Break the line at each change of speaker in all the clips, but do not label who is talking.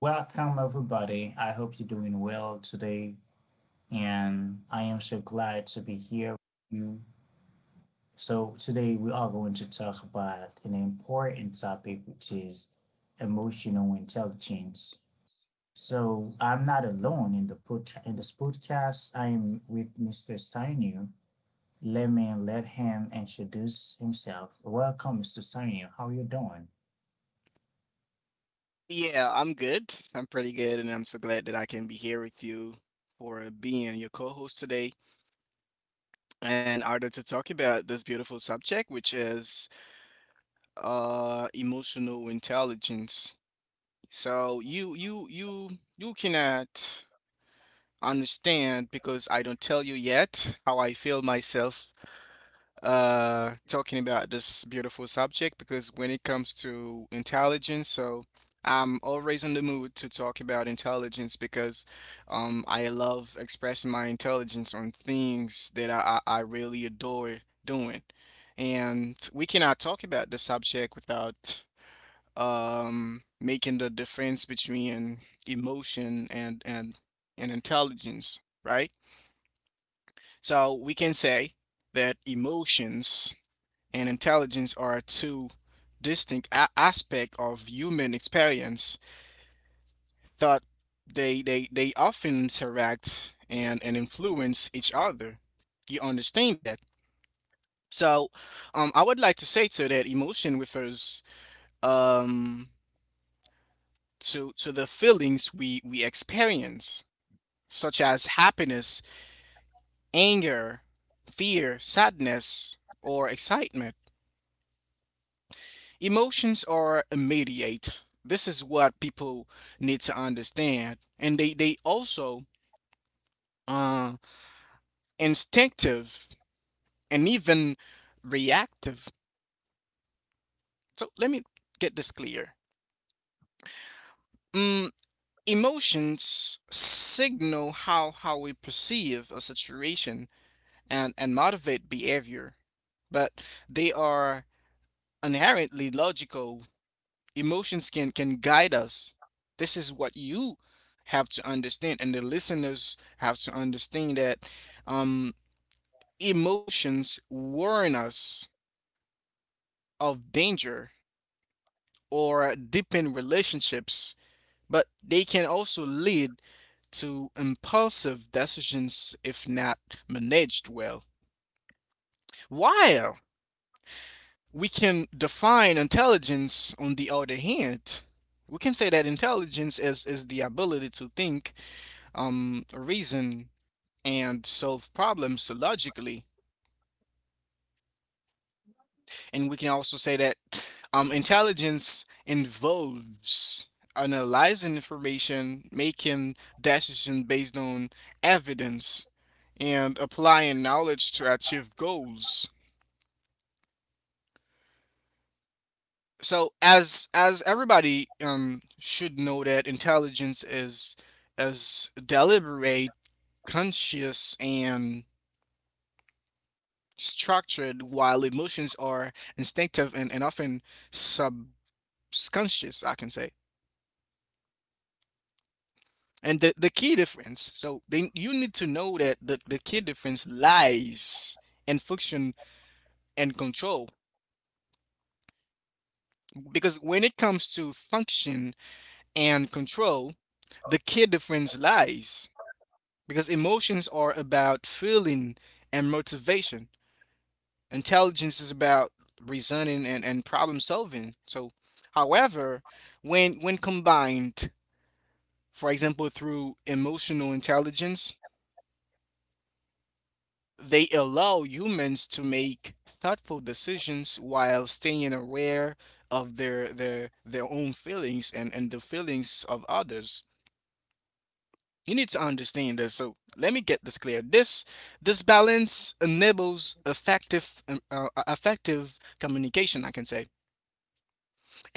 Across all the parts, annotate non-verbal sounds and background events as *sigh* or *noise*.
Welcome, everybody. I hope you're doing well today, and I am so glad to be here with you. So, today we are going to talk about an important topic, which is emotional intelligence. So, I'm not alone in the put in this podcast. I am with Mr. Steiner. Let me let him introduce himself. Welcome, Mr. Steiner. How are you doing?
Yeah, I'm good. I'm pretty good, and I'm so glad that I can be here with you for being your co-host today in order to talk about this beautiful subject, which is emotional intelligence. So you cannot understand because I don't tell you yet how I feel myself talking about this beautiful subject because when it comes to intelligence, so I'm always in the mood to talk about intelligence because I love expressing my intelligence on things that I really adore doing. And we cannot talk about the subject without making the difference between emotion and and intelligence, right? So we can say that emotions and intelligence are two distinct aspects of human experience that they often interact and influence each other. You understand that? So, I would like to say to that emotion refers, um, to the feelings we experience, such as happiness, anger, fear, sadness, or excitement. Emotions are immediate. This is what people need to understand. And they also uh instinctive and even reactive. So let me get this clear. Mm, emotions signal how we perceive a situation and motivate behavior, but they are inherently logical. Emotions can guide us. This is what you have to understand, and the listeners have to understand that um emotions warn us of danger or deepen relationships, but they can also lead to impulsive decisions if not managed well. While we can define intelligence on the other hand, we can say that intelligence is the ability to think, reason and solve problems logically. And we can also say that, intelligence involves analyzing information, making decisions based on evidence, and applying knowledge to achieve goals. So, as everybody, should know that intelligence is deliberate, conscious, and structured, while emotions are instinctive and often subconscious, I can say. And the key difference, so then you need to know that the key difference lies in function and control. Because when it comes to function and control, the key difference lies. Because emotions are about feeling and motivation, intelligence is about reasoning and problem solving. So, however, when combined, for example, through emotional intelligence, they allow humans to make thoughtful decisions while staying aware of their own feelings and the feelings of others. You need to understand this. So let me get this clear. This balance enables effective, effective communication, I can say.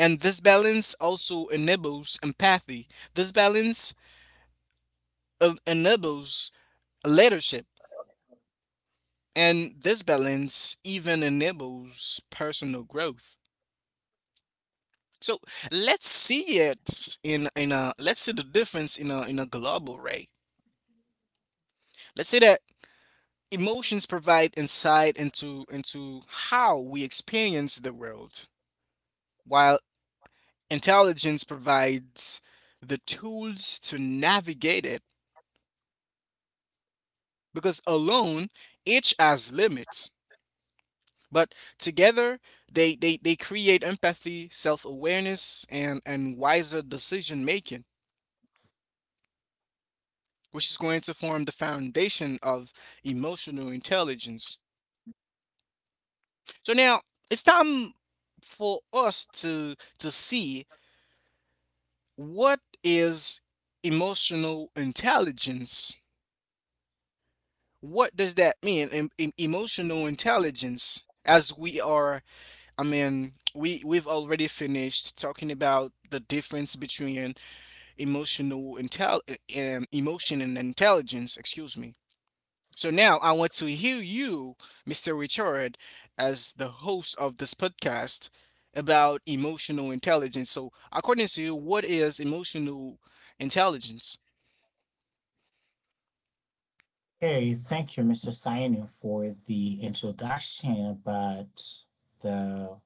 And this balance also enables empathy. This balance enables leadership. And this balance even enables personal growth. So let's see it in a let's see the difference in a global way. Let's say that emotions provide insight into how we experience the world, while intelligence provides the tools to navigate it, because alone each has limits, but together they create empathy, self-awareness, and wiser decision making, which is going to form the foundation of emotional intelligence. So now it's time for us to see what is emotional intelligence. What does that mean, emotional intelligence, as we are we we've already finished talking about the difference between emotional intel emotion and intelligence, excuse me. So now I want to hear you, Mr. Richard, as the host of this podcast about emotional intelligence. So, according to you, what is emotional intelligence?
Okay, thank you, Mr. Sainu, for the introduction about the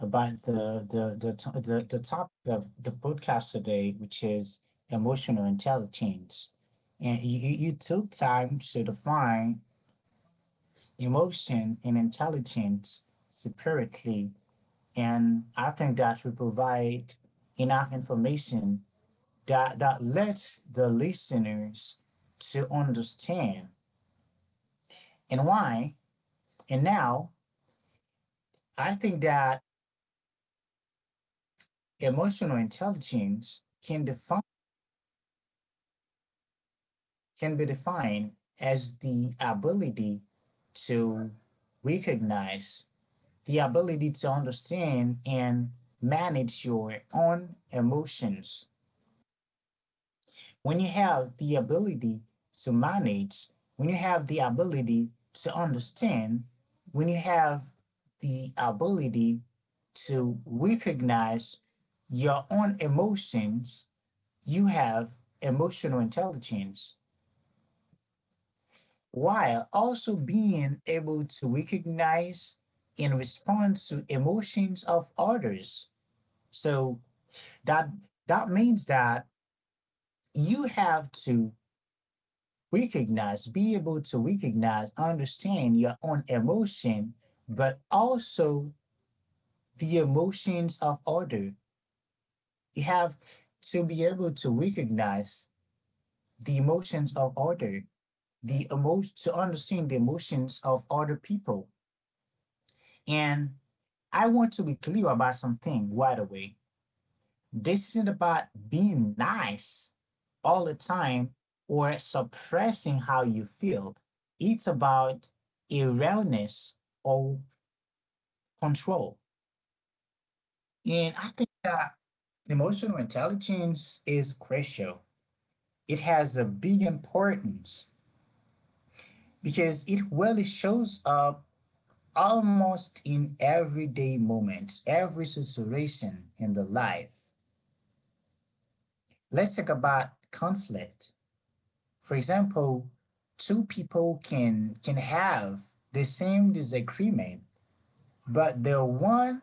the topic of the podcast today, which is emotional intelligence. And you took time to define emotion and intelligence separately, and I think that we provide enough information that lets the listeners to understand and why. And now I think that emotional intelligence can be defined as the ability to recognize, the ability to understand and manage your own emotions. When you have the ability to manage, when you have the ability to understand, when you have the ability to recognize your own emotions, you have emotional intelligence while also being able to recognize and respond to emotions of others. So that that means that you have to recognize, be able to recognize, understand your own emotion, but also the emotions of other. You have to be able to recognize the emotions of other the emotion to understand the emotions of other people. And I want to be clear about something right away. This isn't about being nice all the time or suppressing how you feel. It's about awareness or control. And I think that emotional intelligence is crucial. It has a big importance because it really shows up almost in everyday moments, every situation in the life. Let's talk about conflict. For example, two people can have the same disagreement, but the one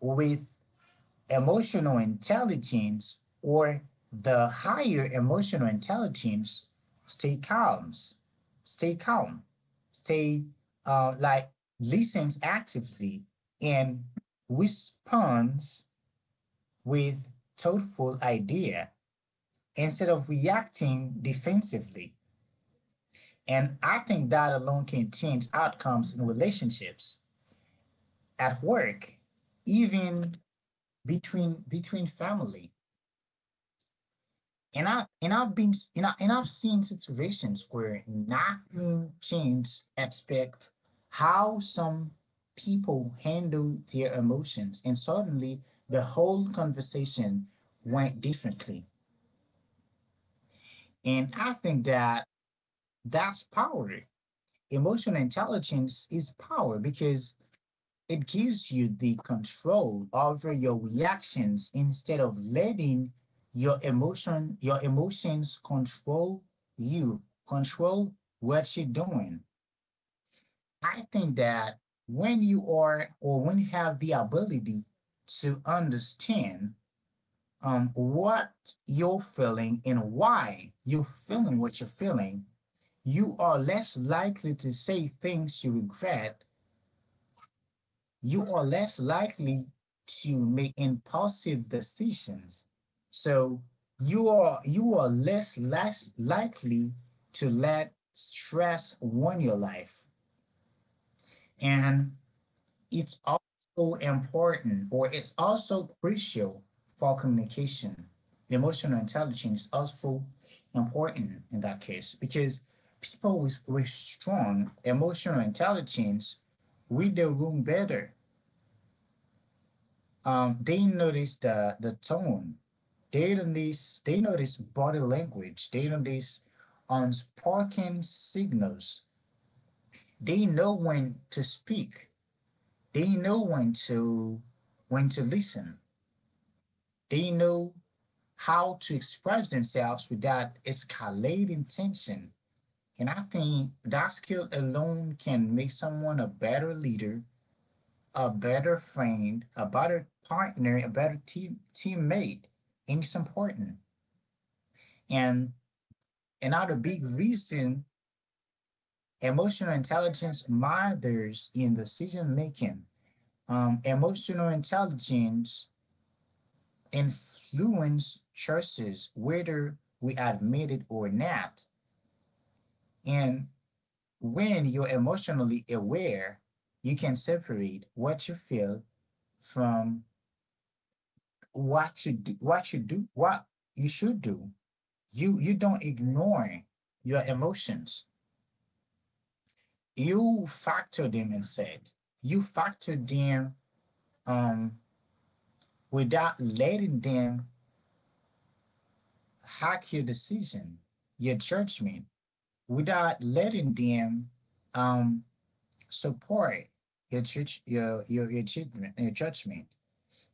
with emotional intelligence or the higher emotional intelligence, stay calm, stay calm, stay like listens actively and responds with thoughtful idea instead of reacting defensively. And I think that alone can change outcomes in relationships, at work, even between family. And I and I've been and, I, and I've seen situations where not being changed aspect how some people handle their emotions, and suddenly the whole conversation went differently. And I think that that's power. Emotional intelligence is power because it gives you the control over your reactions instead of letting your emotions control you, control what you're doing. I think that when you have the ability to understand what you're feeling and why you're feeling what you're feeling, you are less likely to say things you regret, you are less likely to make impulsive decisions. So you are less less likely to let stress run your life. And it's also important or it's also crucial for communication. Emotional intelligence is also important in that case because people with strong emotional intelligence read the room better, they notice the tone. They notice body language. They notice unspoken signals. They know when to speak. They know when to listen. They know how to express themselves without escalating tension. And I think that skill alone can make someone a better leader, a better friend, a better partner, a better teammate. And it's important. And another big reason emotional intelligence matters in decision making. Emotional intelligence influences choices, whether we admit it or not. And when you're emotionally aware, you can separate what you feel from what you should do. You don't ignore your emotions, you factor them inside. You factor them um, without letting them hack your decision, your judgment, without letting them um, support your judge, your judgment, your judgment.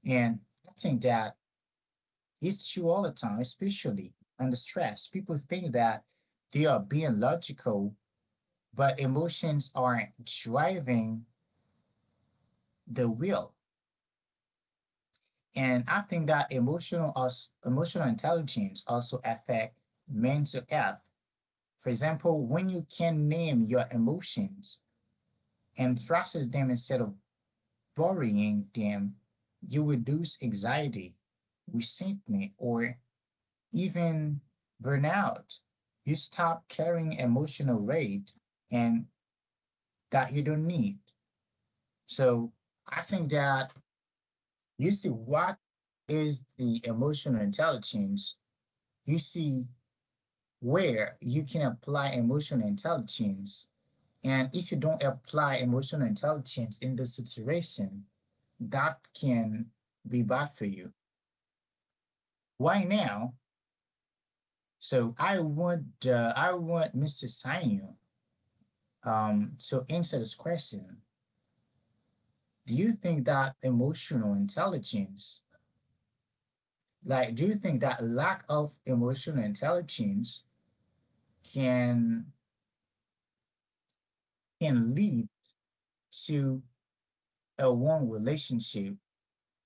And I think that it's true all the time, especially under stress. People think that they are being logical, but emotions are driving the will. And I think that emotional intelligence also affect mental health. For example, when you can name your emotions and process them instead of burying them, you reduce anxiety, resentment, or even burnout. You stop carrying emotional weight and that you don't need. So I think that you see what is the emotional intelligence, you see where you can apply emotional intelligence. And if you don't apply emotional intelligence in the situation, that can be bad for you. Why now? So I want Mr. Sanyu to answer this question. Do you think that emotional intelligence, like, do you think that lack of emotional intelligence can can lead to a wrong relationship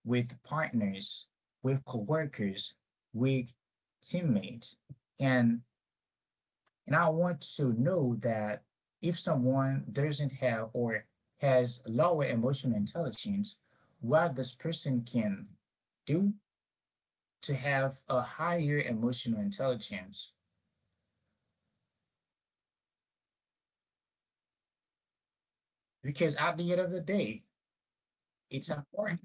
with partners, with coworkers, with teammates. And and I want to know that if someone doesn't have or has lower emotional intelligence, what this person can do to have a higher emotional intelligence. Because at the end of the day, it's important.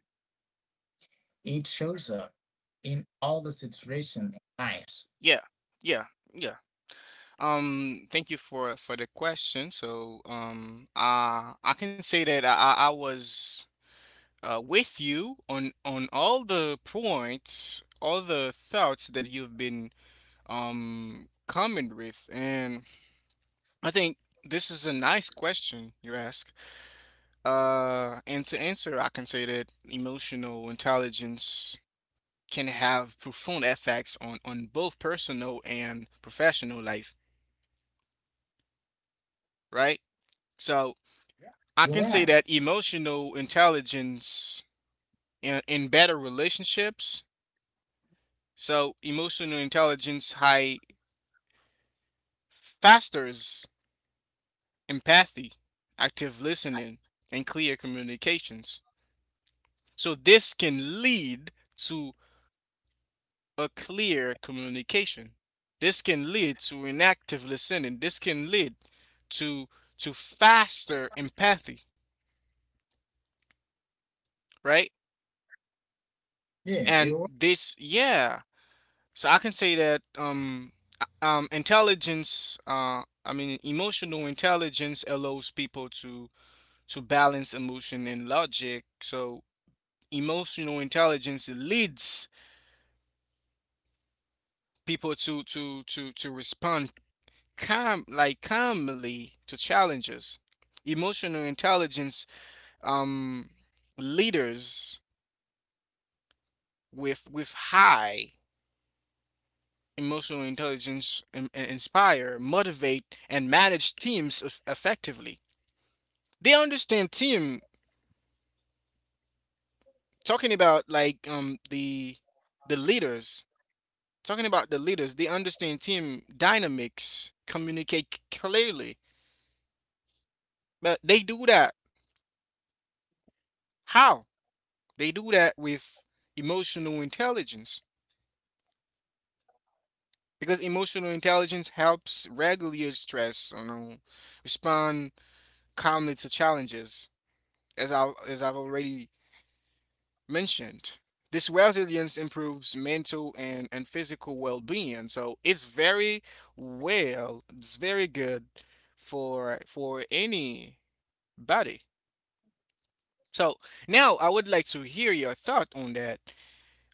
It shows up in all the situation in life.
Yeah, yeah, yeah. Thank you for the question. So, I can say that I was with you on all the points, all the thoughts that you've been coming with, and I think this is a nice question you ask. And to answer, I can say that emotional intelligence can have profound effects on both personal and professional life, right? So I
You're
can say
right.
that emotional intelligence in better relationships. So emotional intelligence high fosters empathy, active listening, and clear communications. So this can lead to a clear communication. This can lead to an active listening. This can lead to to faster empathy, right?
Yeah,
And
you're right.
this, yeah. So I can say that intelligence, I mean emotional intelligence, allows people to balance emotion and logic. So emotional intelligence leads people to respond calmly to challenges. Emotional intelligence, um leaders with high emotional intelligence inspire, motivate, and manage teams effectively. They understand team, talking about like the leaders, talking about the leaders, they understand team dynamics, communicate clearly. But they do that. How? They do that with emotional intelligence, because emotional intelligence helps regulate stress, you know, respond calmly to challenges, as I've already mentioned. This resilience improves mental and physical well-being. So it's very well, it's very good for anybody. So now I would like to hear your thought on that,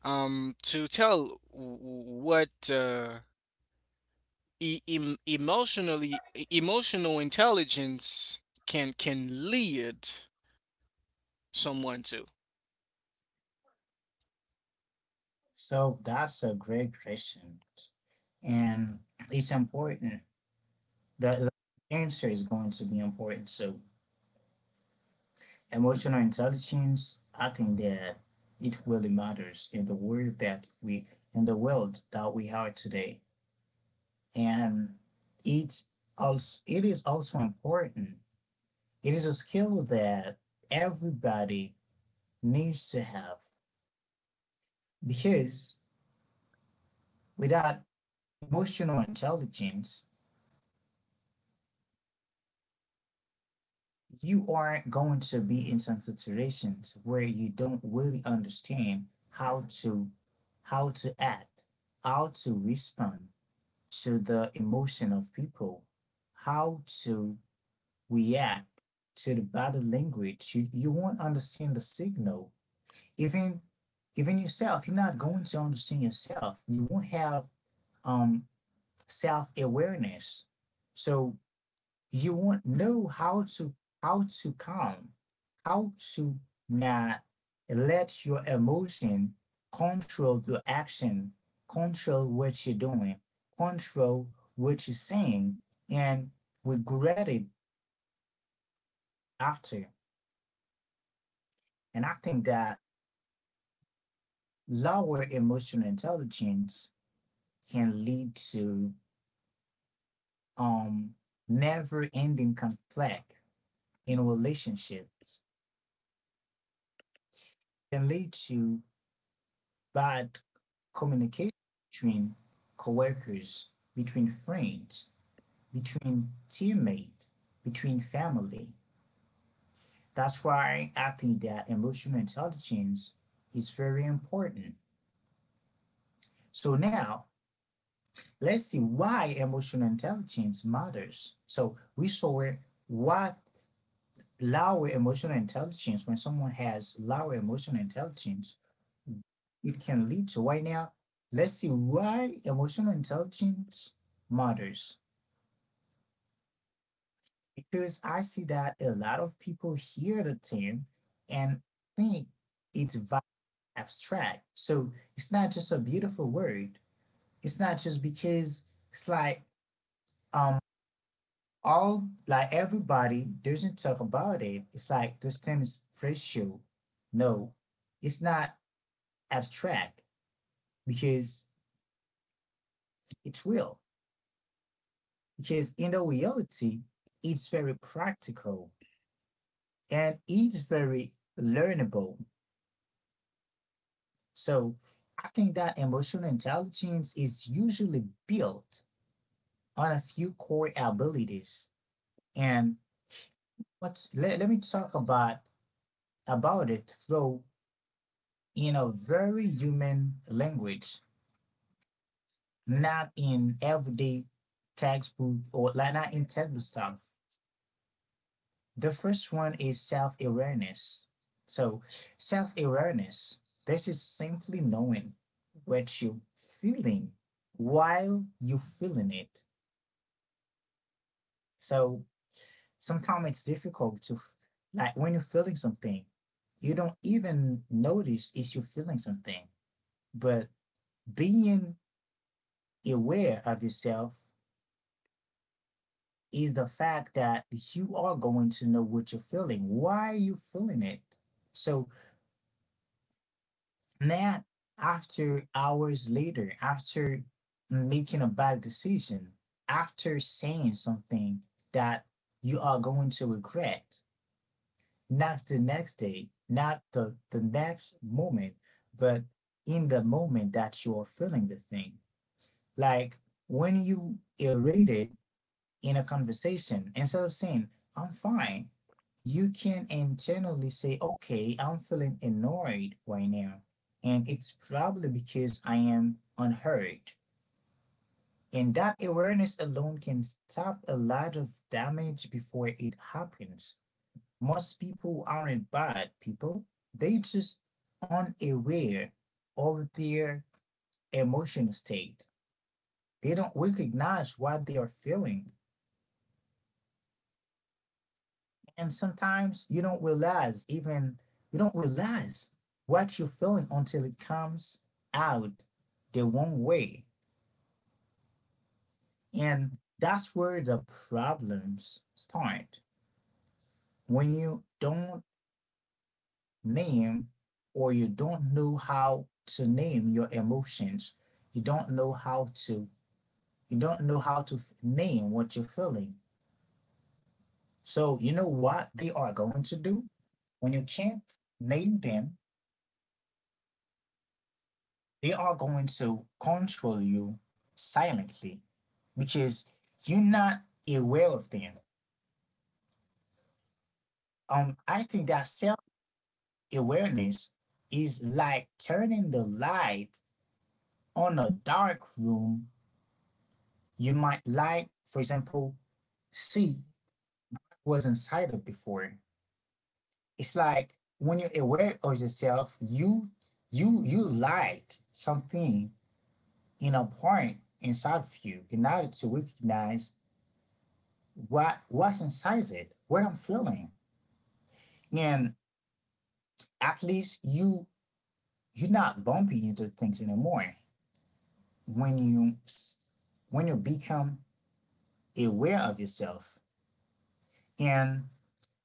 to tell what, emotionally, emotional intelligence can lead someone to.
So that's a great question. And it's important. The, the answer is going to be important. So emotional intelligence, I think that it really matters in the world that we in the world that we are today. And it it is also important. It is a skill that everybody needs to have because without emotional intelligence, you aren't going to be in some situations where you don't really understand how to how to act, how to respond to the emotion of people, how to react to the body language. You won't understand the signal, even even yourself, you're not going to understand yourself, you won't have um self-awareness. So you won't know how to calm, how to not let your emotion control your action, control what you're doing, control what you're saying, and regret it after. And I think that lower emotional intelligence can lead to um never ending conflict in relationships, can lead to bad communication between coworkers, between friends, between teammates, between family. That's why I think that emotional intelligence is very important. So now let's see why emotional intelligence matters. So we saw what when someone has lower emotional intelligence, it can lead to. Right now, let's see why emotional intelligence matters. Because I see that a lot of people hear the term and think it's abstract. So it's not just a beautiful word. It's not just because it's like um all like everybody doesn't talk about it. It's like this term is racial. No, it's not abstract because it's real. Because in the reality, it's very practical and it's very learnable. So I think that emotional intelligence is usually built on a few core abilities. And let me talk about it though in a very human language, not in everyday textbook or like not in textbook stuff. The first one is self-awareness. So self-awareness, this is simply knowing what you're feeling while you're feeling it. So sometimes it's difficult to, like, when you're feeling something, you don't even notice if you're feeling something. But being aware of yourself is the fact that you are going to know what you're feeling. Why are you feeling it? So not after hours later, after making a bad decision, after saying something that you are going to regret, not the next day, not the next moment, but in the moment that you're feeling the thing. Like when you irritated in a conversation, instead of saying, I'm fine, you can internally say, okay, I'm feeling annoyed right now. And it's probably because I am unheard. And that awareness alone can stop a lot of damage before it happens. Most people aren't bad people. They just unaware of their emotional state. They don't recognize what they are feeling. And sometimes you don't realize even you don't realize what you're feeling until it comes out the wrong way. And that's where the problems start. When you don't name or you don't know how to name your emotions, you don't know how to you don't know how to name what you're feeling. So you know what they are going to do when you can't name them, they are going to control you silently because you're not aware of them. I think that self-awareness is like turning the light on a dark room. You might like for example see was inside of before. It's like when you're aware of yourself, you light something in a point inside of you in order to recognize what what's inside it, what I'm feeling. And at least you you're not bumping into things anymore when you when you become aware of yourself. And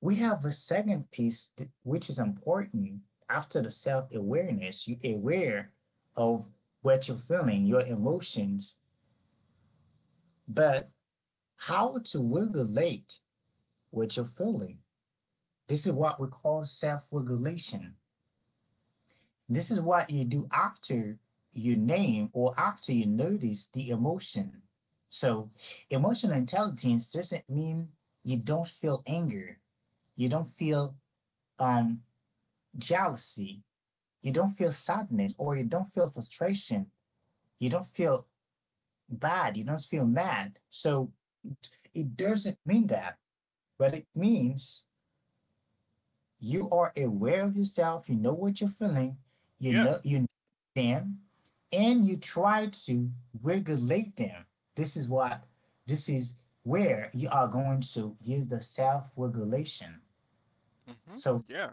we have a second piece which is important. After the self awareness, you aware of what you're feeling, your emotions, but how to regulate what you're feeling, this is what we call self regulation. This is what you do after you name or after you notice the emotion. So emotional intelligence doesn't mean you don't feel anger, you don't feel um jealousy, you don't feel sadness, or you don't feel frustration. You don't feel bad. You don't feel mad. So it doesn't mean that, but it means you are aware of yourself. You know what you're feeling.
Yeah.
You know them, and you try to regulate them. This is what, this is where you are going to use the self regulation.
Hmm.
So
Yeah.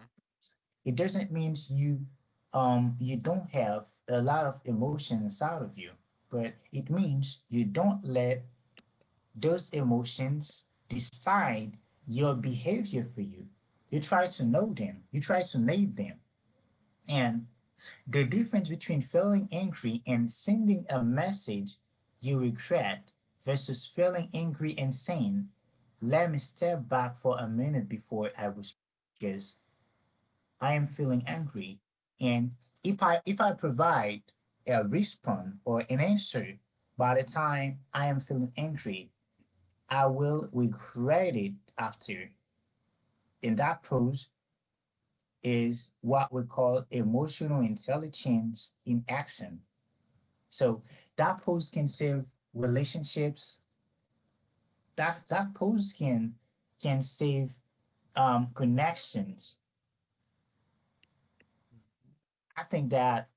it doesn't mean you you don't have a lot of emotion inside of you, but it means you don't let those emotions decide your behavior for you. You try to know them, you try to name them. And the difference between feeling angry and sending a message you regret versus feeling angry and saying, let me step back for a minute before I respond. Because I am feeling angry. And if I provide a response or an answer by the time I am feeling angry, I will regret it after. And that pose is what we call emotional intelligence in action. So that pose can save relationships. That pose can save connections. I think that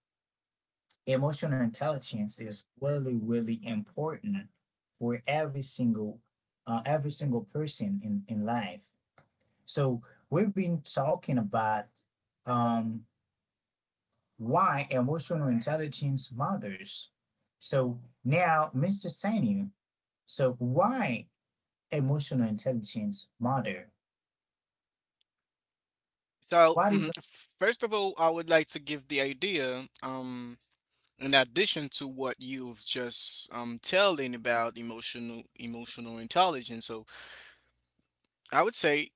emotional intelligence is really really important for every single person in life. So we've been talking about um why emotional intelligence matters. So now, Mr. Sanu, so why emotional intelligence matter,
So
what is —
first of all, I would like to give the idea, in addition to what you've just telling about emotional intelligence, so I would say,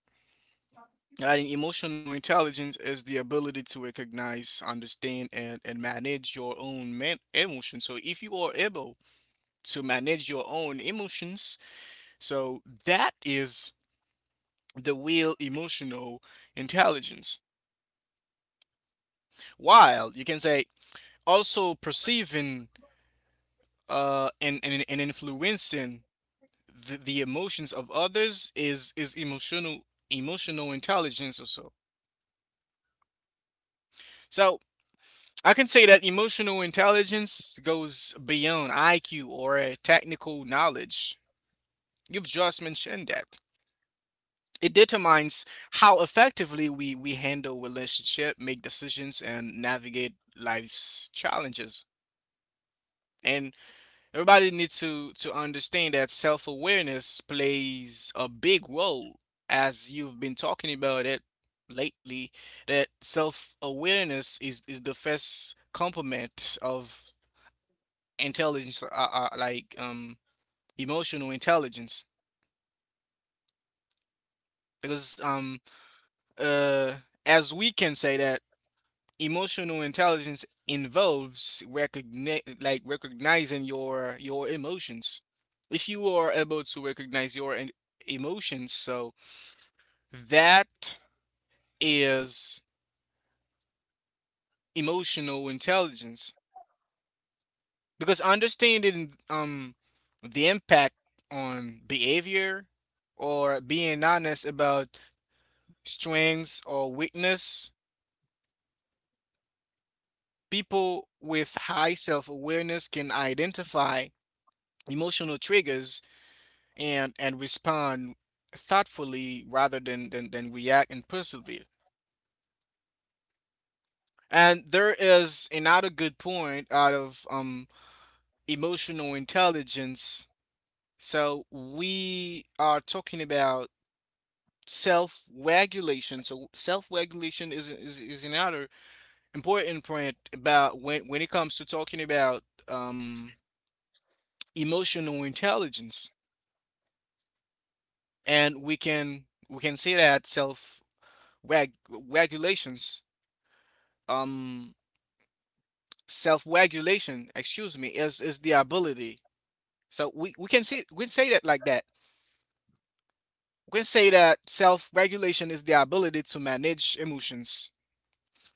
Emotional intelligence is the ability to recognize, understand, and manage your own emotions. So, if you are able to manage your own emotions, so that is the real emotional intelligence. While you can say also perceiving, and influencing the emotions of others is emotional intelligence also. So, I can say that emotional intelligence goes beyond IQ or, technical knowledge. You've just mentioned that. It determines how effectively we handle relationship, make decisions, and navigate life's challenges. And everybody needs to understand that self awareness plays a big role, as you've been talking about it lately, that self awareness is the first complement of intelligence, emotional intelligence, because uh as we can say that emotional intelligence involves recognizing your emotions. If you are able to recognize your emotions, so that is emotional intelligence, because understanding, the impact on behavior, or being honest about strengths or weakness. People with high self awareness can identify emotional triggers and respond thoughtfully rather than, react and persevere. And there is another good point out of, emotional intelligence. So we are talking about self-regulation. So self-regulation is another important point about when it comes to talking about um emotional intelligence. And we can say that reg- regulations, um self regulation, excuse me, is the ability. So we can say that like that, we can say that self regulation is the ability to manage emotions,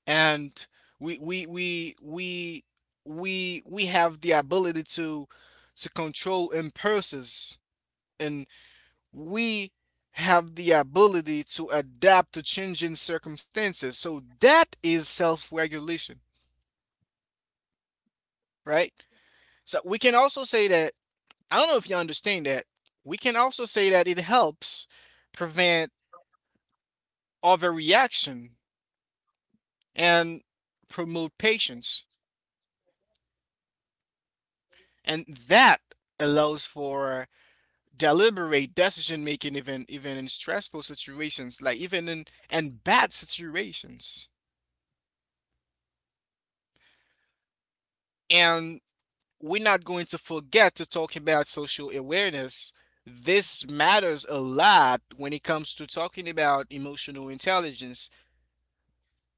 and we we we we we have the ability to control impulses, and we have the ability to adapt to changing circumstances. So that is self regulation, right? So we can also say that, I don't know if you understand that, we can also say that it helps prevent overreaction and promote patience. And that allows for deliberate decision making, even in stressful situations, like even in and bad situations. And we're not going to forget to talk about social awareness. This matters a lot when it comes to talking about emotional intelligence,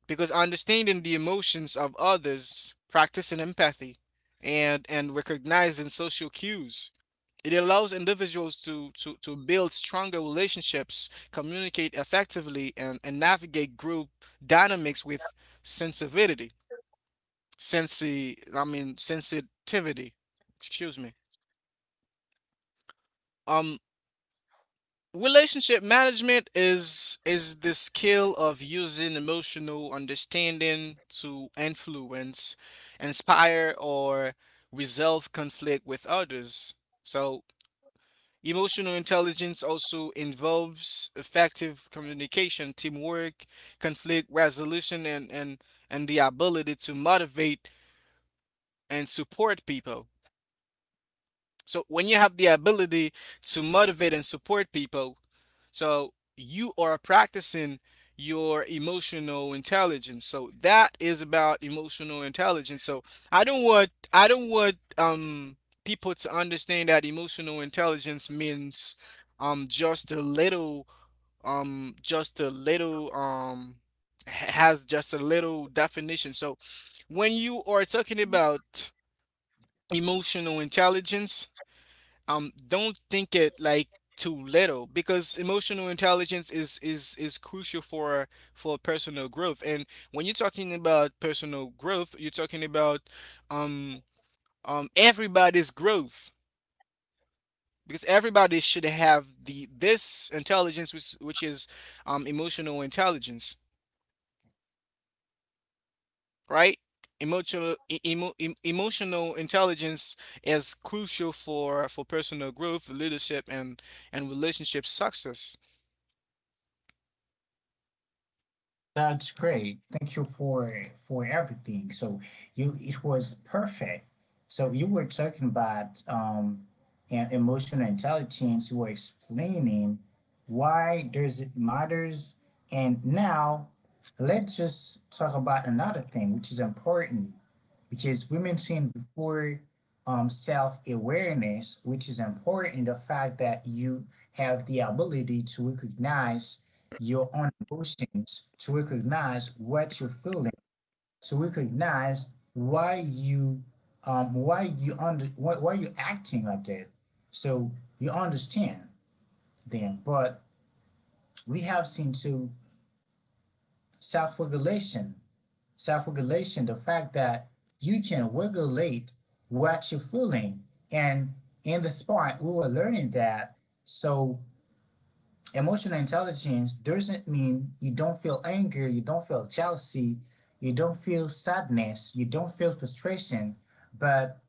because understanding the emotions of others, practicing empathy, and recognizing social cues. It allows individuals to build stronger relationships, communicate effectively, and navigate group dynamics with sensitivity. I mean, sensitivity. Excuse me. Um, relationship management is the skill of using emotional understanding to influence, inspire, or resolve conflict with others. So emotional intelligence also involves effective communication, teamwork, conflict resolution, and, and the ability to motivate and support people. So when you have the ability to motivate and support people, so you are practicing your emotional intelligence. So that is about emotional intelligence. So I don't want, people to understand that emotional intelligence means, um just a little just a little, has just a little definition. So when you are talking about emotional intelligence, don't think it like too little, because emotional intelligence is crucial for personal growth. And when you're talking about personal growth, you're talking about, um everybody's growth, because everybody should have the this intelligence, which is, emotional intelligence, right? emotional e- emo, em- emotional intelligence is crucial for personal growth, leadership, and relationship success.
that's great. Thank you for everything. So you, it was perfect. So you were talking about emotional intelligence. You were explaining why does it matters. And now let's just talk about another thing which is important, because we mentioned before self awareness, which is important, the fact that you have the ability to recognize your own emotions, to recognize what you're feeling, to recognize why you why you acting like that. So you understand them, but we have seen to self regulation, self-regulation, the fact that you can regulate what you're feeling. And in this part we were learning that. So emotional intelligence doesn't mean you don't feel anger, you don't feel jealousy, you don't feel sadness, you don't feel frustration, but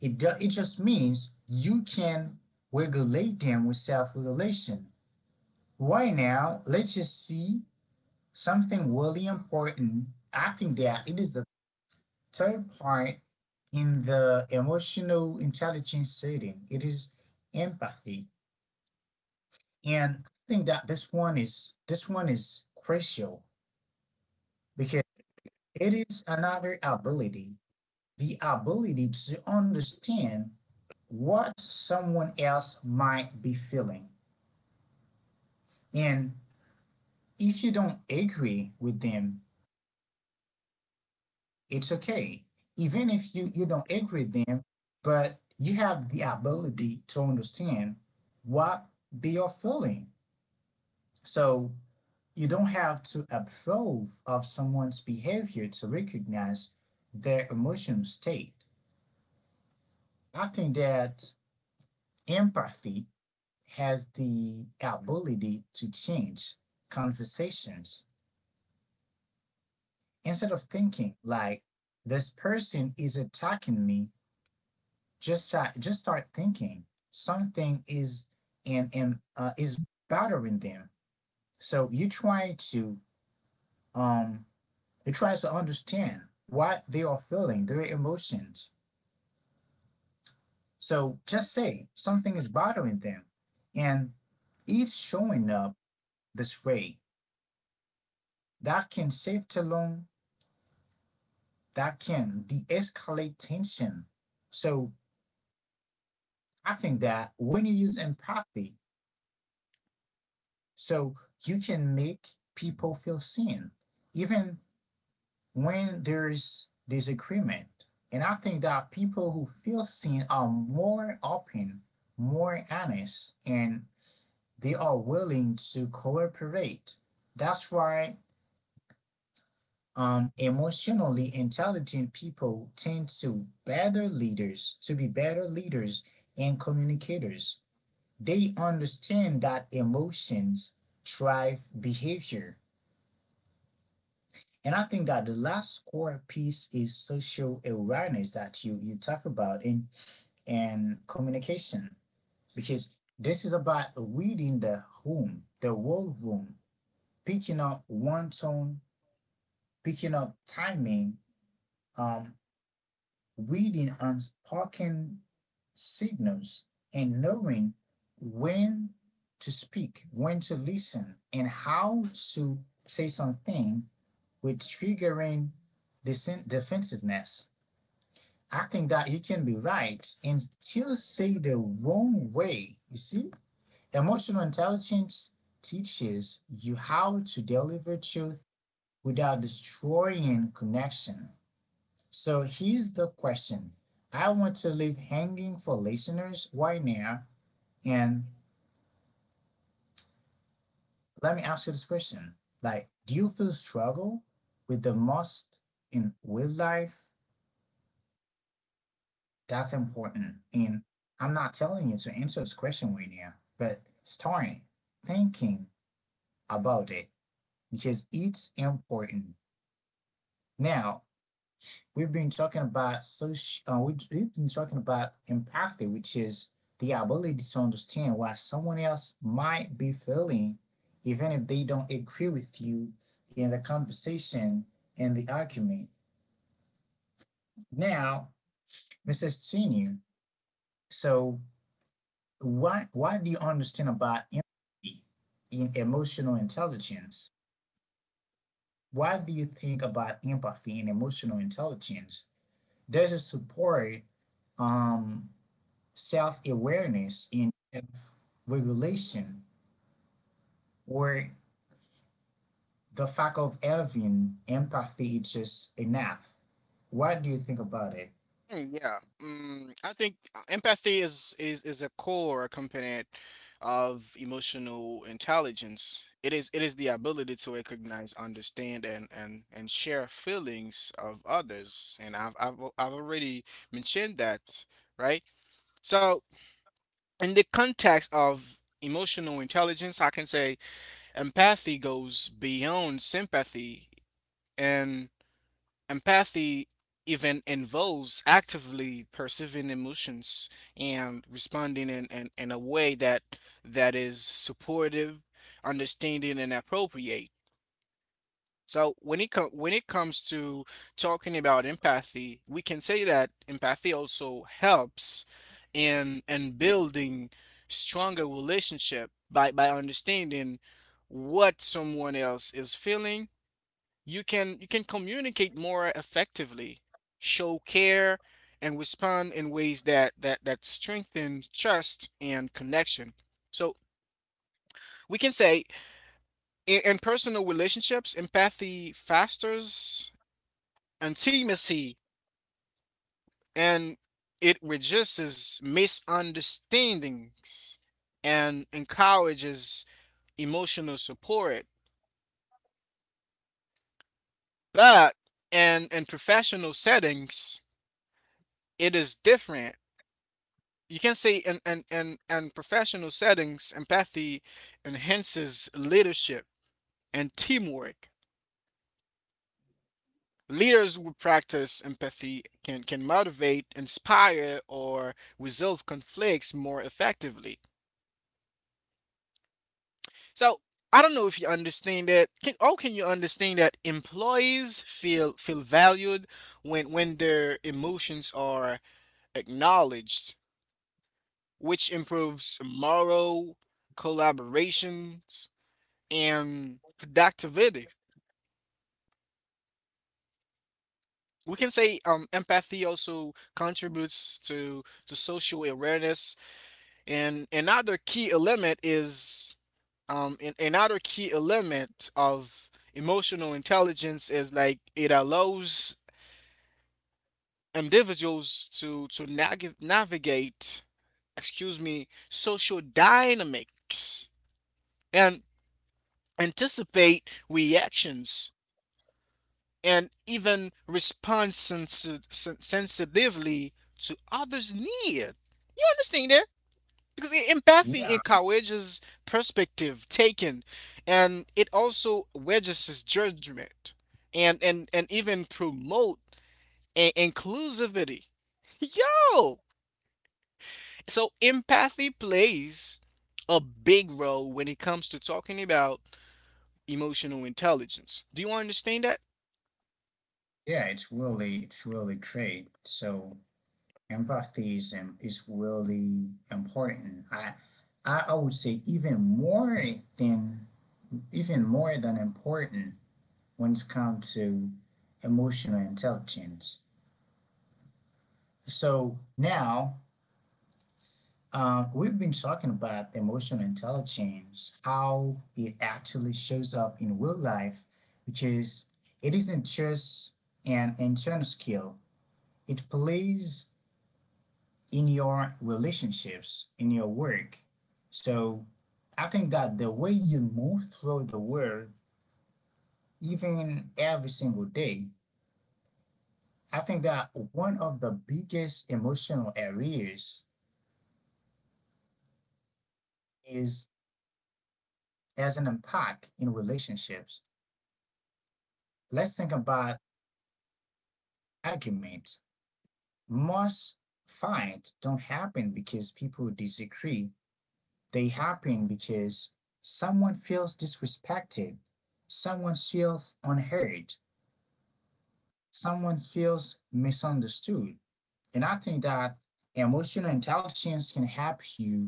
it just means you can regulate them with self-regulation. Right now, let's just see something really important. I think that it is the third point in the emotional intelligence setting. It is empathy. And I think that this one is crucial, because it is another ability, the ability to understand what someone else might be feeling. And if you don't agree with them, it's okay. Even if you, you don't agree with them, but you have the ability to understand what they are feeling. So you don't have to approve of someone's behavior to recognize their emotional state. I think that empathy has the ability to change conversations. Instead of thinking like this person is attacking me, just start thinking something is and is bothering them. So um you try to understand what they are feeling, their emotions. So just say something is bothering them, and it's showing up this way. That can save the — that can de-escalate tension. So I think that when you use empathy, So you can make people feel seen, even when there's disagreement. And I think that people who feel seen are more open, more honest, and they are willing to cooperate. That's why emotionally intelligent people tend to better leaders, to be better leaders and communicators. They understand that emotions drive behavior. And I think that the last core piece is social awareness that you talk about in and communication, because this is about reading the room, the whole room, picking up one tone, picking up timing, um, reading unspoken signals, and knowing when to speak, when to listen, and how to say something with triggering defensiveness. I think that you can be right and still say the wrong way. You see? Emotional intelligence teaches you how to deliver truth without destroying connection. So here's the question I want to leave hanging for listeners right now. And let me ask you this question. Like, do you feel struggle with the most in real life? That's important. And I'm not telling you to answer this question right now, but start thinking about it because it's important. Now, we've been talking about social, have been talking about empathy, which is the ability to understand why someone else might be feeling, even if they don't agree with you in the conversation and the argument. Now, Mrs. Senior, so why do you understand about empathy in emotional intelligence? Why do you think about empathy in emotional intelligence? Does it support um, self awareness in self regulation, or the fact of having empathy is just enough? What do you think about it?
Yeah, I think, empathy is a core component of emotional intelligence. It is the ability to recognize, understand, and and share feelings of others. And I've already mentioned that, right? So in the context of emotional intelligence, I can say empathy goes beyond sympathy and empathy even involves actively perceiving emotions and responding in a way that is supportive, understanding, and appropriate. So when it comes to talking about empathy, we can say that empathy also helps in building stronger relationship by understanding what someone else is feeling. You can communicate more effectively, show care, and respond in ways that strengthen trust and connection. So we can say in personal relationships, empathy fosters intimacy and it reduces misunderstandings and encourages emotional support. But in professional settings, it is different. You can say in professional settings empathy enhances leadership and teamwork. Leaders who practice empathy can motivate, inspire, or resolve conflicts more effectively. So I don't know if you understand that. Can you understand that employees feel valued when their emotions are acknowledged, which improves moral, collaborations, and productivity. We can say empathy also contributes to social awareness, and another key element is another key element of emotional intelligence is like it allows individuals to navigate, excuse me, social dynamics and anticipate reactions and even respond sensitively to others' need. You understand that? Because empathy
Yeah,
encourages perspective taken, and it also wedges judgment, and even promote inclusivity. *laughs* Yo, so empathy plays a big role when it comes to talking about emotional intelligence. Do you understand that?
yeah, it's really great. So empathism is really important. I would say even more than — even more than important when it comes to emotional intelligence. So now, we've been talking about emotional intelligence, how it actually shows up in real life, because it isn't just an internal skill. It plays in your relationships, in your work. So I think that the way you move through the world, even every single day, I think that one of the biggest emotional areas is as an impact in relationships. Let's think about argument. Most fight don't happen because people disagree. They happen because someone feels disrespected, someone feels unheard, someone feels misunderstood. And I think that emotional intelligence can help you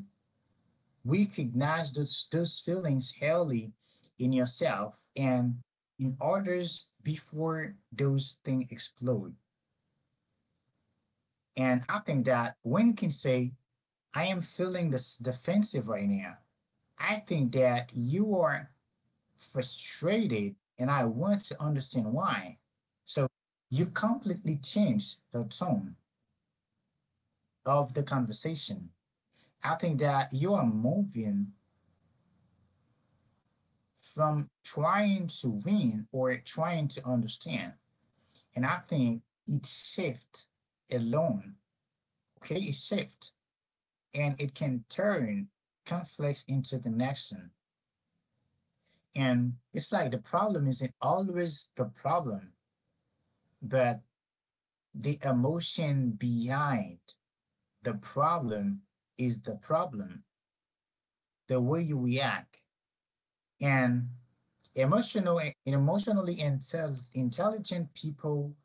recognize those feelings early in yourself and in others before those things explode. And I think that when you can say, I am feeling this defensive right now, I think that you are frustrated and I want to understand why. So you completely change the tone of the conversation. I think that you are moving from trying to win or trying to understand. And I think it shift alone. Okay, it shift and it can turn conflicts into connection. And it's like the problem isn't always the problem, but the emotion behind the problem is the problem, the way you react. And emotional emotionally intelligent people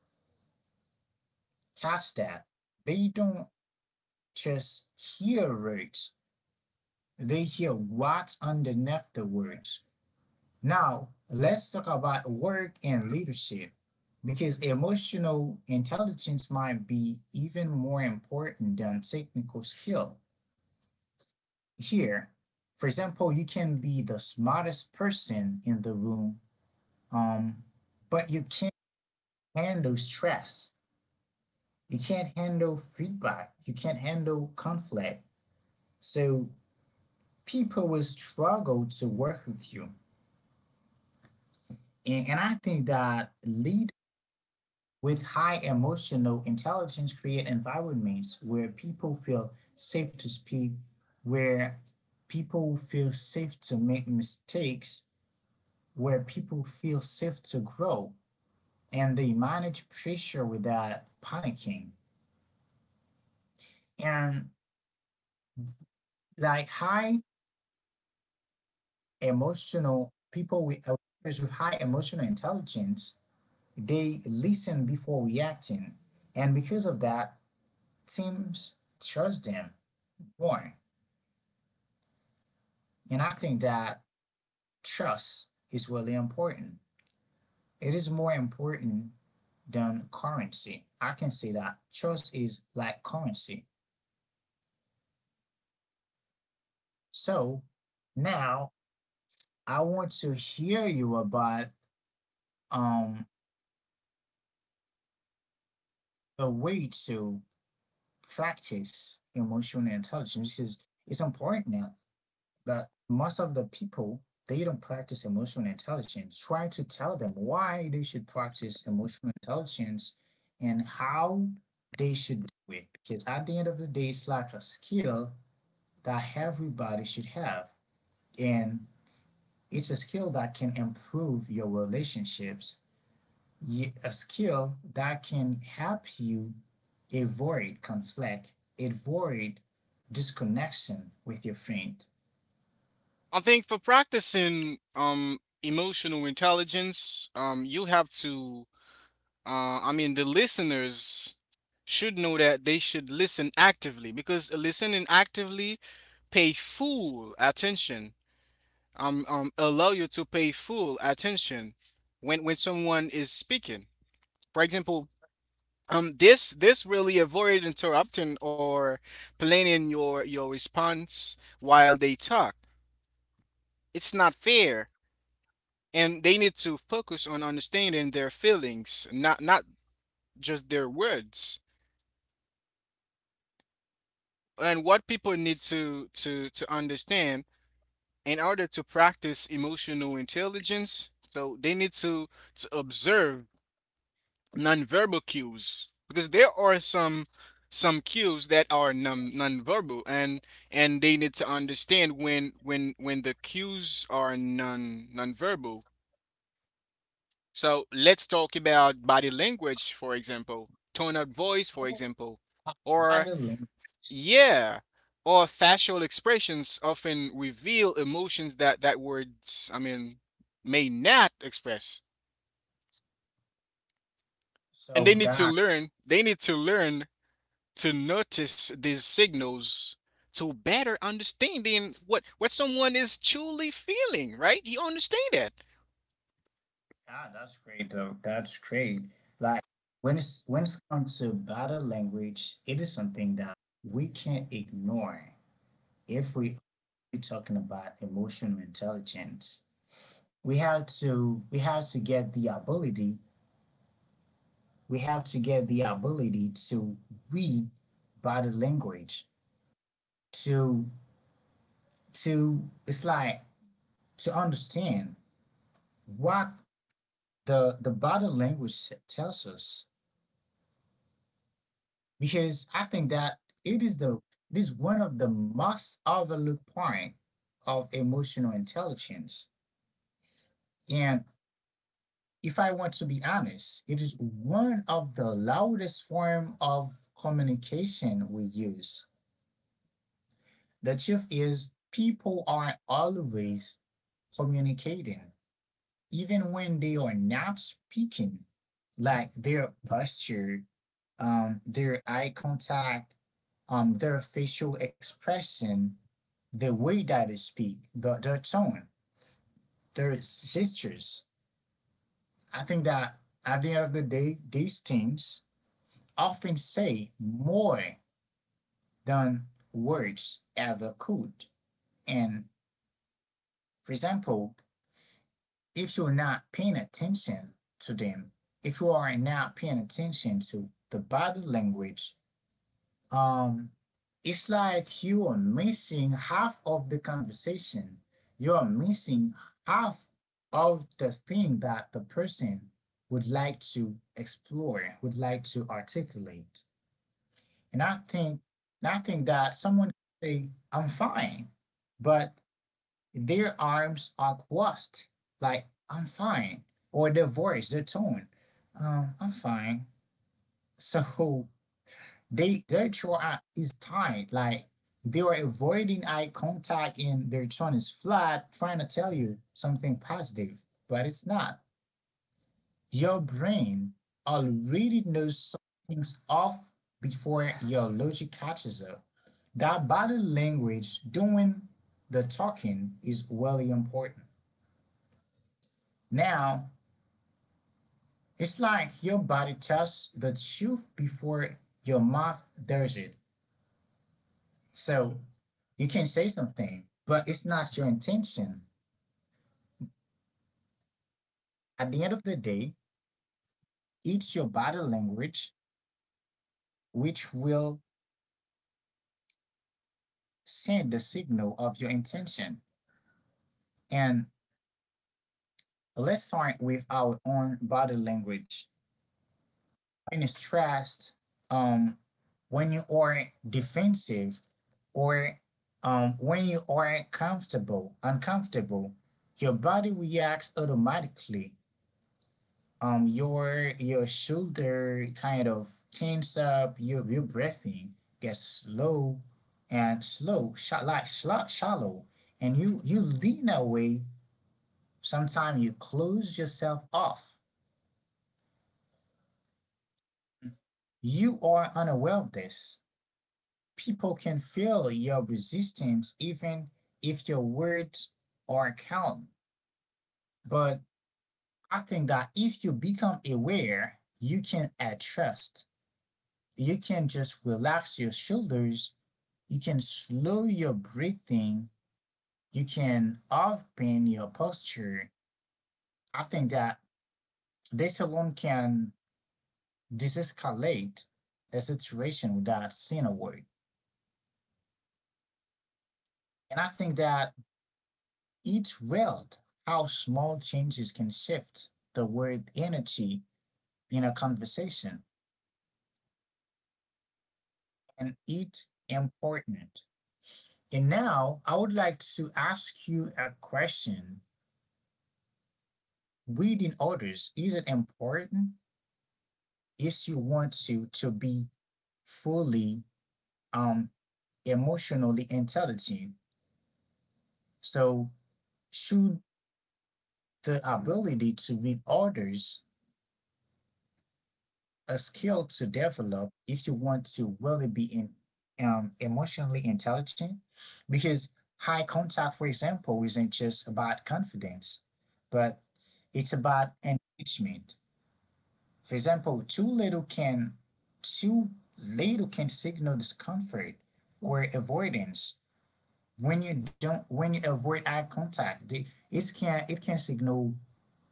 catch that. They don't just hear words, they hear what's underneath the words. Now let's talk about work and leadership, because emotional intelligence might be even more important than technical skill here. For example, you can be the smartest person in the room, um, but you can't handle stress. You can't handle feedback. You can't handle conflict. So people will struggle to work with you. And I think that leaders with high emotional intelligence create environments where people feel safe to speak, where people feel safe to make mistakes, where people feel safe to grow, and they manage pressure without panicking. And like high emotional people with awareness with high emotional intelligence, they listen before reacting, and because of that, teams trust them more. And I think that trust is really important. It is more important than currency. I can say that trust is like currency. So now I want to hear you about um the way to practice emotional intelligence, because it's important now that most of the people, they don't practice emotional intelligence. Try to tell them why they should practice emotional intelligence and how they should do it, because at the end of the day, it's like a skill that everybody should have. And it's a skill that can improve your relationships, a skill that can help you avoid conflict, avoid disconnection with your friend.
I think for practicing emotional intelligence, you have to I mean the listeners should know that they should listen actively because listening actively pay full attention. Allow you to pay full attention when someone is speaking. For example, this really avoid interrupting or planning your response while they talk. It's not fair, and they need to focus on understanding their feelings, not just their words. And what people need to understand in order to practice emotional intelligence, so they need to observe nonverbal cues because there are some cues that are non nonverbal and they need to understand when the cues are non nonverbal. So let's talk about body language, for example, tone of voice, for example, or
Modeling.
yeah, or facial expressions often reveal emotions that words, I mean, may not express. And they
So
need to
that
learn. They need to learn to notice these signals to better understanding what someone is truly feeling, right? You understand that?
ah, that's great though. That's great. Like when it's when it comes to body language, it is something that we can't ignore if we are talking about emotional intelligence. We have to get the ability, we have to get the ability to read body language, to to it's like to understand what the body language tells us, because I think that it is the it is one of the most overlooked point of emotional intelligence. And if I want to be honest, it is one of the loudest form of communication we use. The truth is people are always communicating, even when they are not speaking, like their posture, their eye contact, their facial expression, the way that they speak, their tone, their gestures. I think that at the end of the day, these things often say more than words ever could. And for example, if you're not paying attention to them, if you are not paying attention to the body language, Um, it's like you are missing half of the conversation. You are missing half of the thing that the person would like to explore, would like to articulate. And I think, and I think that someone can say, "I'm fine," but their arms are crossed, like "I'm fine," or their voice, their tone, "I'm fine." *laughs* So they their throat is tight. Like they were avoiding eye contact and their tone is flat, trying to tell you something positive, but it's not. Your brain already knows something's off before your logic catches up. That body language doing the talking is really important. Now, it's like your body tells the truth before your mouth does it. So you can say something, but it's not your intention. At the end of the day, it's your body language which will send the signal of your intention. And let's start with our own body language. When it's stressed, um, when you are defensive, or when you are comfortable, uncomfortable, your body reacts automatically. Your shoulder kind of tense up, your breathing gets slow and slow shot like slot shallow, and you lean away. Sometimes you close yourself off. You are unaware of this. People can feel your resistance even if your words are calm, but I think that if you become aware you can adjust. You can just relax your shoulders. You can slow your breathing. You can open your posture. I think that this alone can desescalate the situation without saying a word. And I think that it's wild how small changes can shift the word energy in a conversation. And it's important. And now I would like to ask you a question. Reading orders, is it important? If you want to be fully, um, emotionally intelligent. So, should the ability to read others a skill to develop if you want to really be in, emotionally intelligent? Because high contact, for example, isn't just about confidence, but it's about engagement. For example, too little can signal discomfort or avoidance. When you don't when you avoid eye contact, they, it can signal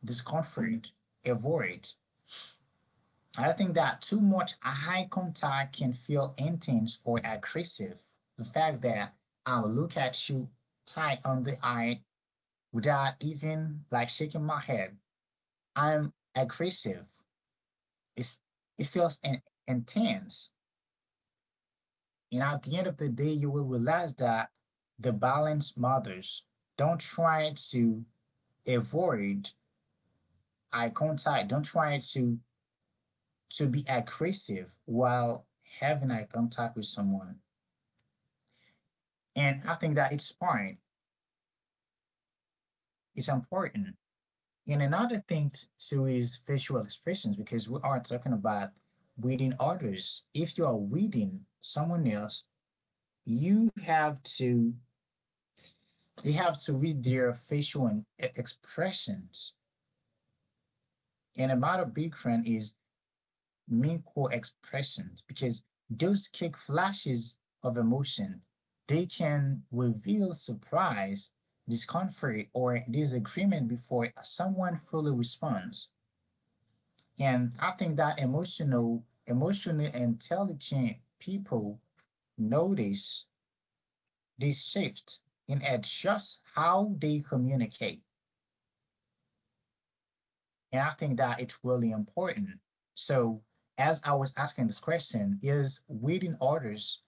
discomfort, avoid. I think that too much eye contact can feel intense or aggressive. The fact that I'll look at you tight on the eye without even like shaking my head, I'm aggressive. It's, it feels intense. And at the end of the day you will realize that the balance matters. Don't try to avoid eye contact. Don't try to be aggressive while having eye contact with someone. And I think that it's fine. It's important. And another thing too is facial expressions because we are talking about reading others. If you are reading someone else, you have to you have to read their facial expressions. And about a big friend is meaningful expressions because those quick flashes of emotion, they can reveal surprise, discomfort, or disagreement before someone fully responds. And I think that emotionally intelligent people notice this shift and adjust how they communicate. And I think that it's really important. So, as I was asking, this question, is reading orders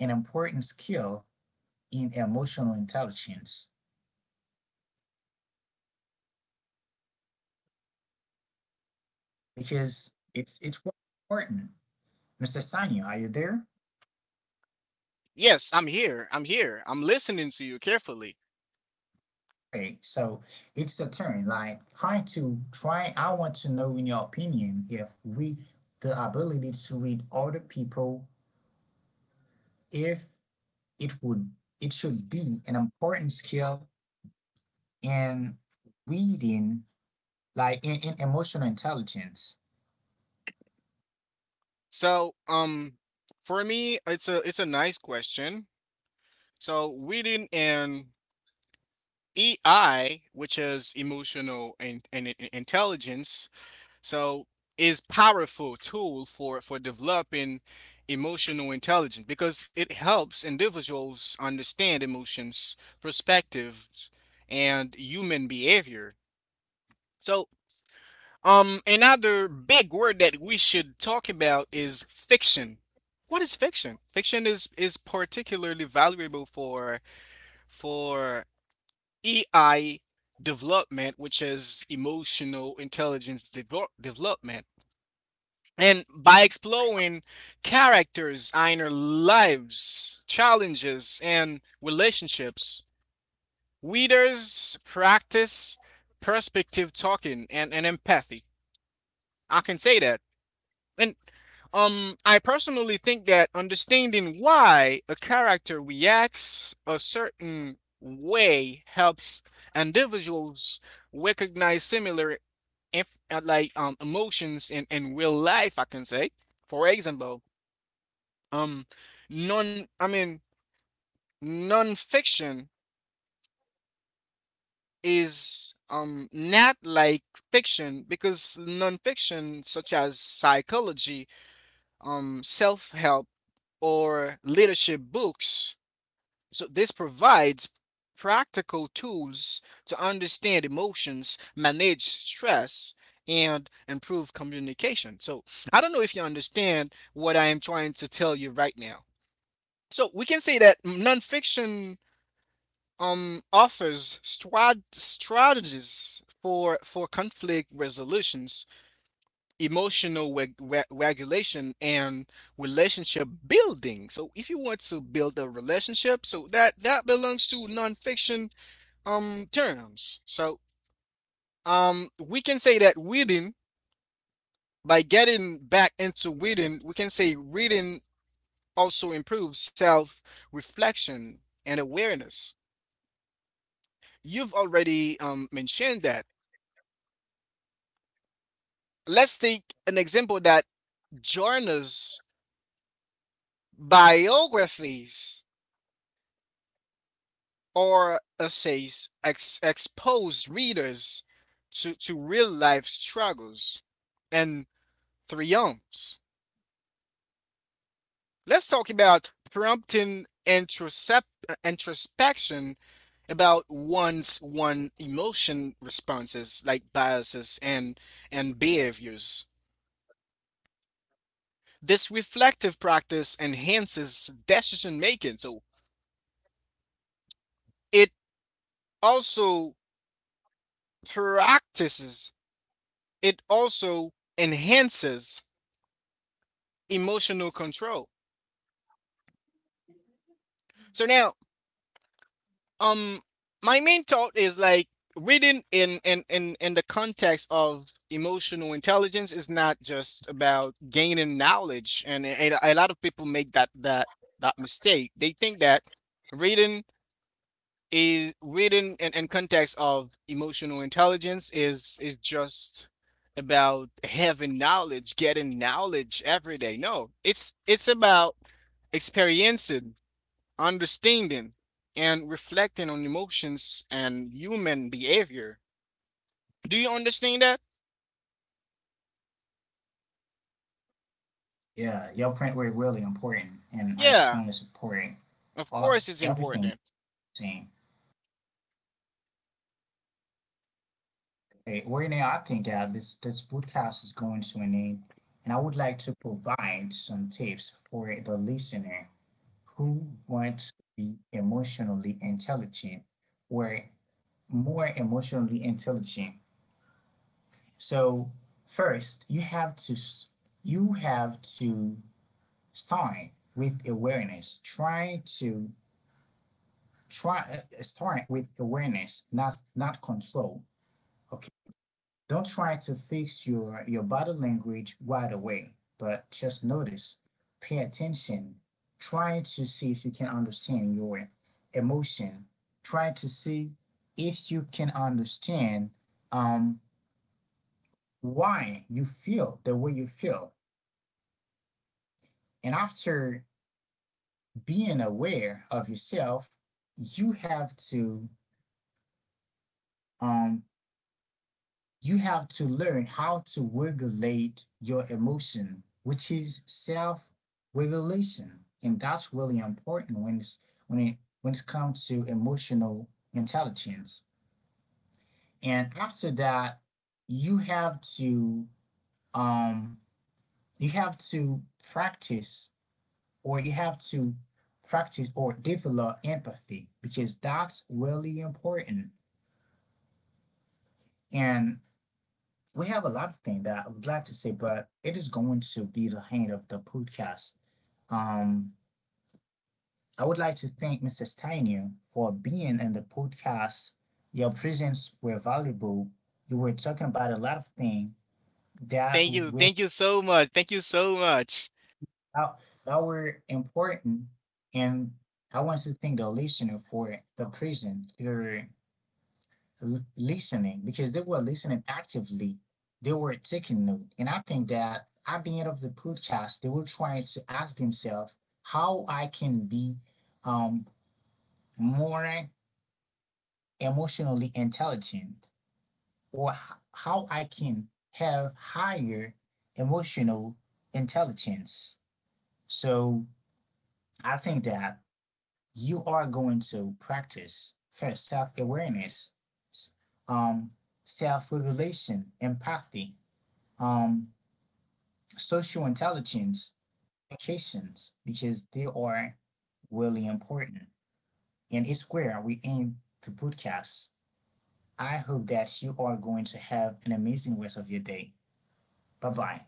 an important skill in emotional intelligence, because it's important. Mr. Sanyo, are you there?
Yes, I'm here, I'm listening to you carefully.
Great. So it's a turn. Like try. I want to know in your opinion if we, the ability to read other people, if it would, it should be an important skill in reading, like in emotional intelligence.
So for me it's a nice question. So within an EI, which is emotional and intelligence, so is powerful tool for developing emotional intelligence because it helps individuals understand emotions, perspectives, and human behavior. So another big word that we should talk about is fiction. What is fiction? Fiction is particularly valuable for EI development, which is emotional intelligence development. And by exploring characters' inner lives, challenges, and relationships, readers practice perspective talking and empathy. I can say that. And I personally think that understanding why a character reacts a certain way helps individuals recognize similar emotions in real life, I can say. For example, Um, non, I mean, non-fiction is not like fiction because non-fiction such as psychology, self-help or leadership books. So this provides practical tools to understand emotions, manage stress, and improve communication. So I don't know if you understand what I am trying to tell you right now. So we can say that nonfiction offers strategies for conflict resolutions, emotional regulation, and relationship building. So if you want to build a relationship, so that belongs to nonfiction terms. So we can say that reading, by getting back into reading, we can say reading also improves self reflection and awareness. You've already mentioned that. Let's take an example that journals, biographies, or essays expose readers to real life struggles and triumphs. Let's talk about prompting introspection about one's one emotion responses like biases and behaviors. This reflective practice enhances decision making, so it also practices, it also enhances emotional control. So now, um, my main thought is like reading in the context of emotional intelligence is not just about gaining knowledge, and a lot of people make that mistake. They think that reading is written in context of emotional intelligence is just about having knowledge, getting knowledge every day. No, it's about experiencing, understanding, and reflecting on emotions and human behavior. Do you understand that?
Yeah, your point were really important, and I strongly
Yeah,
support all,
of
everything
course it's
you're
important.
saying. Hey, right now, I think that this podcast is going to an end, and I would like to provide some tips for the listener who wants to be emotionally intelligent or more emotionally intelligent. So first, you have to start with awareness. Try start with awareness, not not control. Okay. Don't try to fix your body language right away, but just notice, pay attention, try to see if you can understand your emotion. Try to see if you can understand, um, why you feel the way you feel. And after being aware of yourself, you have to, um, you have to learn how to regulate your emotion, which is self-regulation, and that's really important when it's, when it, when it comes to emotional intelligence. And after that, you have to, um you have to practice, or you have to practice or develop empathy because that's really important. And we have a lot of things that I would like to say, but it is going to be the end of the podcast. Um, I would like to thank Mrs. Steiner for being in the podcast. Your presence were valuable. You were talking about a lot of things that
Thank you.
were,
Thank you so much. Thank you so much.
that that were important, and I want to thank the listener for the presence. Your listening, because they were listening actively. They were taking note. And I think that at the end of the podcast, they were trying to ask themselves how I can be, um, more emotionally intelligent, or how I can have higher emotional intelligence. So I think that you are going to practice first self awareness, um, self regulation, empathy, um, social intelligence applications because they are really important. And it's where we aim to podcast. I hope that you are going to have an amazing rest of your day. Bye bye.